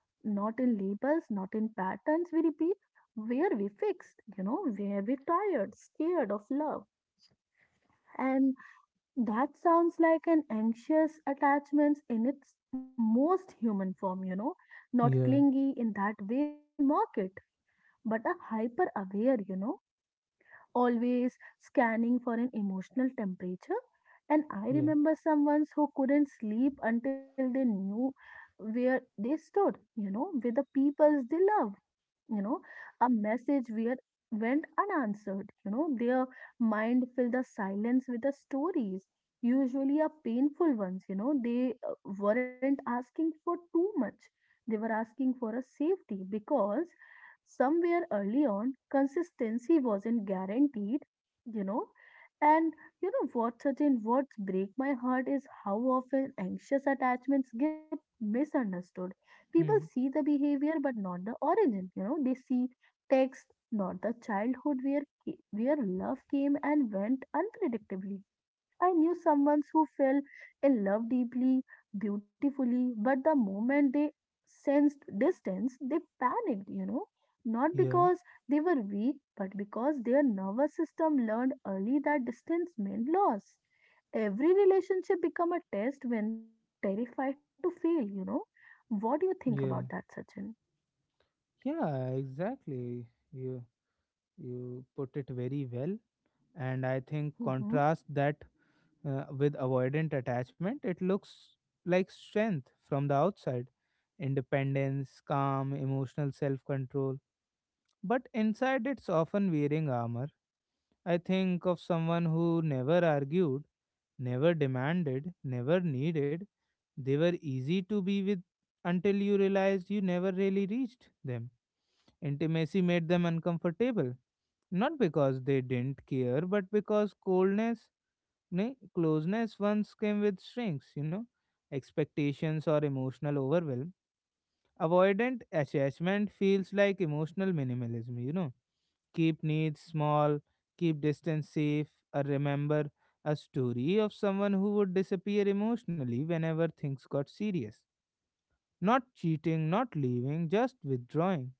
S2: Not in labels, not in patterns we repeat, where we fixed, you know, where we tired, scared of love. And that sounds like an anxious attachment in its most human form, you know, not
S1: yeah,
S2: clingy in that way people mock it, but a hyper aware, you know always scanning for an emotional temperature. And I
S1: yeah,
S2: remember someone who couldn't sleep until they knew where they stood, you know, with the people they love you know a message where went unanswered you know their mind filled the silence with the stories usually a painful ones you know they uh, weren't asking for too much they were asking for a safety because somewhere early on consistency wasn't guaranteed you know and you know what certain words break my heart is how often anxious attachments get misunderstood people
S1: hmm,
S2: see the behavior but not the origin you know they see text not the childhood where ca- where love came and went unpredictably. I knew someone who fell in love deeply, beautifully, but the moment they sensed distance, they panicked, you know. Not
S1: yeah,
S2: because they were weak, but because their nervous system learned early that distance meant loss. Every relationship become a test when they terrified to fail, you know. What do you think
S1: yeah,
S2: about that, Sachin?
S1: yeah, exactly. Yeah. You put it very well. And I think contrast that uh, with avoidant attachment, it looks like strength from the outside: independence, calm, emotional self control. But inside, it's often wearing armor. I think of someone who never argued, never demanded, never needed. They were easy to be with until you realized you never really reached them. Intimacy made them uncomfortable. Not because they didn't care, but because coldness, ne, closeness once came with shrinks, you know, expectations or emotional overwhelm. Avoidant attachment feels like emotional minimalism, you know, keep needs small, keep distance safe, or remember a story of someone who would disappear emotionally whenever things got serious. Not cheating, not leaving, just withdrawing: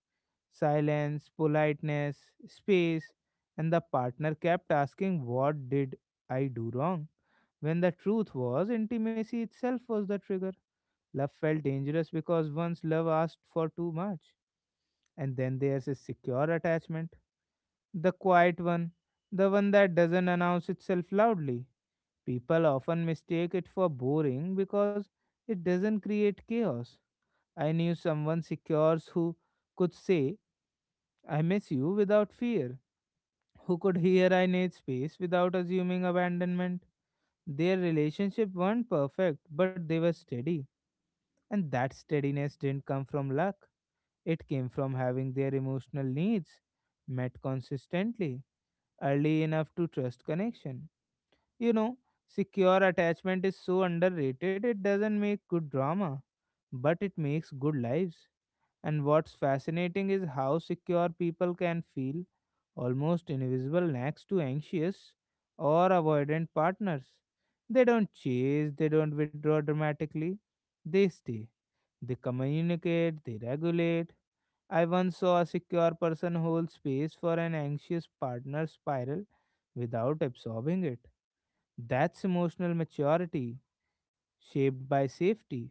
S1: silence, politeness, space, and the partner kept asking, "What did I do wrong?" When the truth was, intimacy itself was the trigger. Love felt dangerous because once love asked for too much. And then there's a secure attachment, the quiet one, the one that doesn't announce itself loudly. People often mistake it for boring because it doesn't create chaos. I knew someone secure who could say, "I miss you" without fear, who could hear "I need space" without assuming abandonment. Their relationship weren't perfect, but they were steady. And that steadiness didn't come from luck, it came from having their emotional needs met consistently, early enough to trust connection. You know, secure attachment is so underrated. It doesn't make good drama, but it makes good lives. And what's fascinating is how secure people can feel almost invisible next to anxious or avoidant partners. They don't chase, they don't withdraw dramatically, they stay. They communicate, they regulate. I once saw a secure person hold space for an anxious partner spiral without absorbing it. That's emotional maturity, shaped by safety.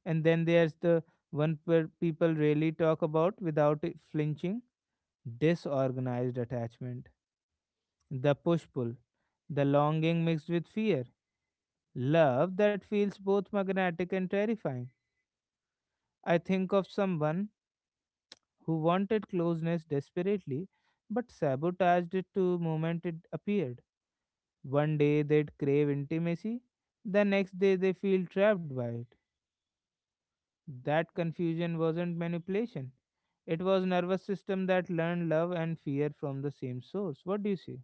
S1: And then there's the one where people really talk about without it flinching: disorganized attachment, the push pull, the longing mixed with fear, love that feels both magnetic and terrifying. I think of someone who wanted closeness desperately but sabotaged it to moment it appeared. One day they'd crave intimacy, the next day they feel trapped by it. That confusion wasn't manipulation. It was nervous system that learned love and fear from the same source. What do you say?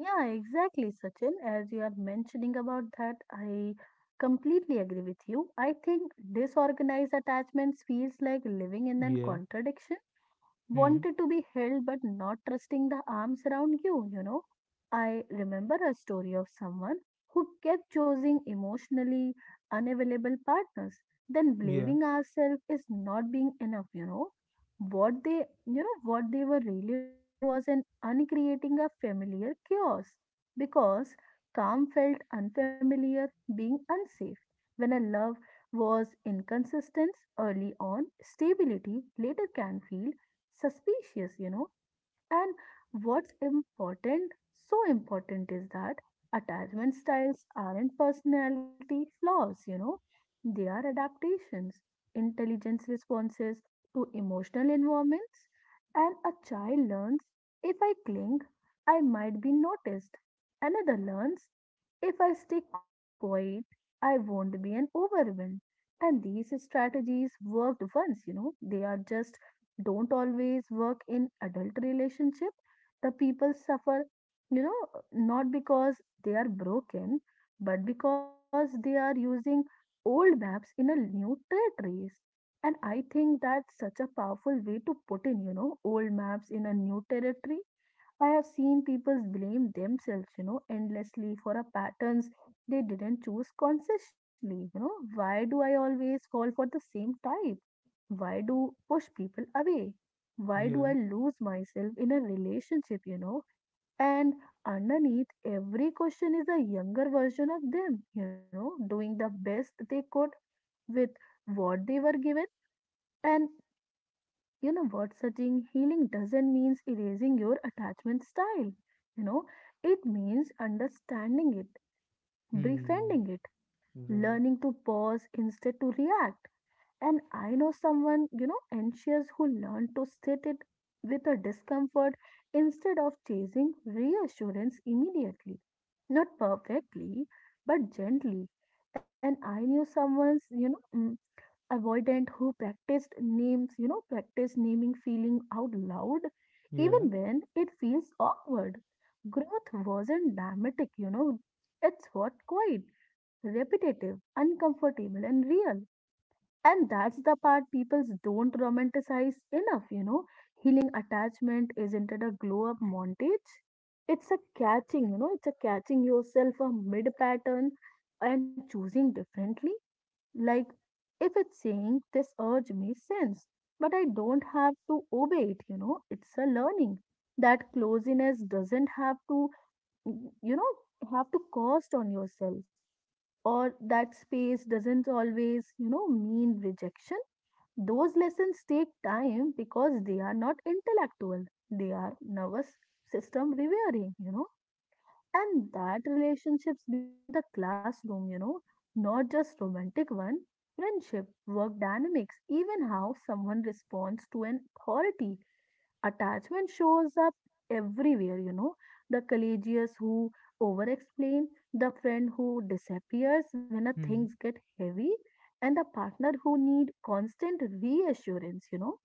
S2: Yeah, exactly, Sachin. As you are mentioning about that, I completely agree with you. I think disorganized attachments feels like living in a
S1: Yeah.
S2: contradiction
S1: Hmm.
S2: wanted to be held but not trusting the arms around you, you know. I remember a story of someone who kept choosing emotionally unavailable partners, then
S1: Yeah.
S2: blaming ourselves is not being enough, you know. What they you know what they were really doing was an uncreating a familiar chaos because calm felt unfamiliar, being unsafe. When a love was inconsistent early on, stability later can feel suspicious, you know. And what's important, so important, is that attachment styles aren't personality flaws, you know, they are adaptations, intelligence responses to emotional environments. And a child learns if I cling, I might be noticed. Another learns if I stay quiet, I won't be an overwhelmed. And these strategies worked once, you know, they are just don't always work in adult relationship the people suffer you know not because they are broken but because they are using old maps in a new territories. And I think that's such a powerful way to put in you know old maps in a new territory. I have seen people blame themselves you know endlessly for a patterns they didn't choose consciously you know why do I always fall for the same type, why do push people away? Why do I
S1: Yeah.
S2: lose myself in a relationship, you know? And underneath every question is a younger version of them, you know, doing the best they could with what they were given. And you know what, Sachin, healing doesn't mean erasing your attachment style, you know, it means understanding it,
S1: Hmm.
S2: befriending it,
S1: Right.
S2: learning to pause instead to react. And I know someone, you know, anxious who learned to sit it with a discomfort instead of chasing reassurance immediately. Not perfectly, but gently. And I knew someone's, you know, mm, avoidant who practiced names, you know, practiced naming feeling out loud, even
S1: Yeah.
S2: when it feels awkward. Growth wasn't dramatic, you know, it's what quiet, repetitive, uncomfortable, and real. And that's the part people don't romanticize enough, you know. Healing attachment isn't it a glow up montage? It's a catching, you know, it's a catching yourself a mid pattern and choosing differently. Like, if it's saying this urge makes sense, but I don't have to obey it, you know, it's a learning. That closeness doesn't have to, mm, you know, have to cost on yourself, or that space doesn't always, you know, mean rejection. Those lessons take time because they are not intellectual. They are nervous system rewiring, you know. And that relationships become the classroom, you know, not just romantic one. Friendship, work dynamics, even how someone responds to an authority. Attachment shows up everywhere, you know. The courageous who over explain, the friend who disappears when a things
S1: Hmm.
S2: get heavy, and the partner who need constant reassurance, you know.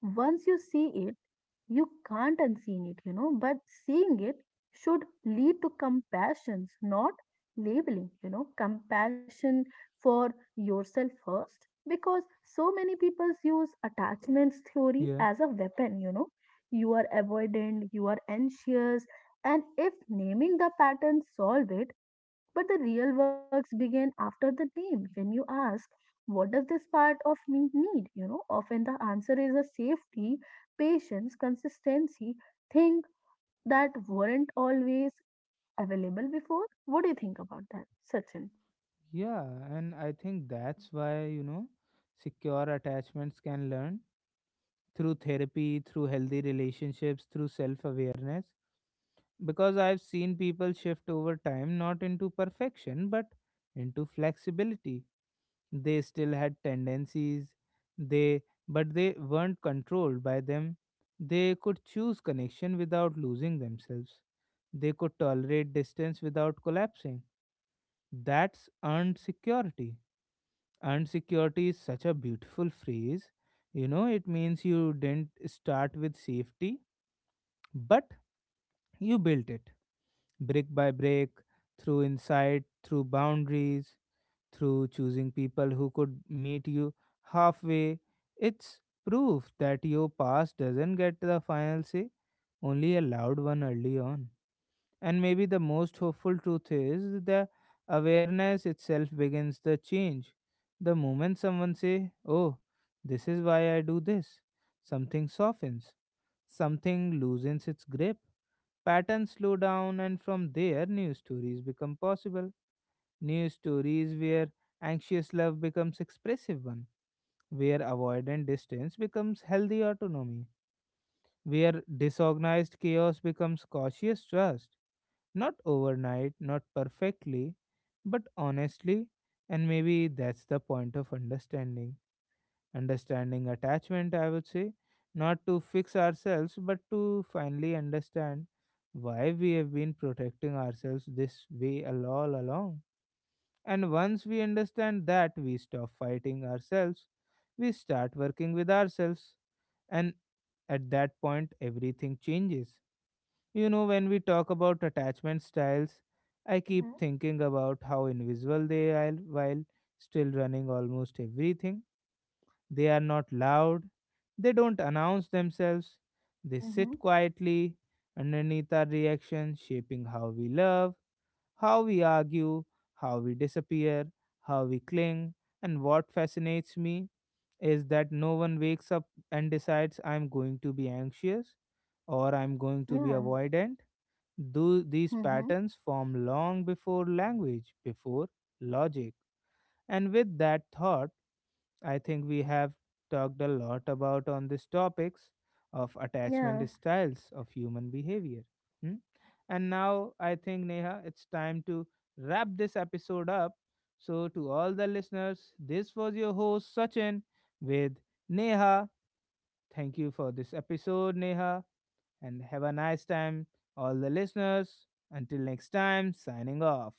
S2: Once you see it, you can't unseen it, you know, but seeing it should lead to compassion, not labeling, you know, compassion for yourself first. Because so many people use attachments theory
S1: Yeah.
S2: as a weapon, you know. You are avoidant, you are anxious, and if naming the pattern solve it, but the real works begin after the name. When you ask, what does this part of me need? You know, often the answer is a safety, patience, consistency, thing that weren't always available before. What do you think about that, Sachin?
S1: Yeah. And I think that's why, you know, secure attachments can learn through therapy, through healthy relationships, through self awareness. Because I've seen people shift over time, not into perfection, but into flexibility. They still had tendencies, they but they weren't controlled by them. They could choose connection without losing themselves. They could tolerate distance without collapsing. That's earned security. Earned security is such a beautiful phrase. You know, it means you didn't start with safety, but you built it brick by brick, through insight, through boundaries, through choosing people who could meet you halfway. It's proof that your past doesn't get the final say, only a loud one early on. And maybe the most hopeful truth is the awareness itself begins the change. The moment someone say, "Oh, this is why I do this," something softens, something loosens its grip, patterns slow down, and from there, new stories become possible. New stories where anxious love becomes expressive one, where avoidant distance becomes healthy autonomy, where disorganized chaos becomes cautious trust. Not overnight, not perfectly, but honestly, and maybe that's the point of understanding. Understanding attachment, I would say, not to fix ourselves, but to finally understand why we have been protecting ourselves this way all along. And once we understand that, we stop fighting ourselves, we start working with ourselves, and at that point, everything changes. You know, when we talk about attachment styles, I
S2: Mm-hmm.
S1: keep thinking about how invisible they are while still running almost everything. They are not loud, they don't announce themselves, they
S2: Mm-hmm.
S1: sit quietly underneath our reaction, shaping how we love, how we argue, how we disappear, how we cling. And what fascinates me is that no one wakes up and decides "I'm going to be anxious" or "I'm going to be
S2: Yeah.
S1: avoidant." Do these
S2: Mm-hmm.
S1: patterns form long before language, before logic? And with that thought, I think we have talked a lot about on these topics of
S2: Yeah.
S1: attachment styles of human behavior. Hmm? And now I think Neha, it's time to wrap this episode up. So to all the listeners, this was your host Sachin with Neha. Thank you for this episode, Neha, and have a nice time, all the listeners. Until next time, signing off.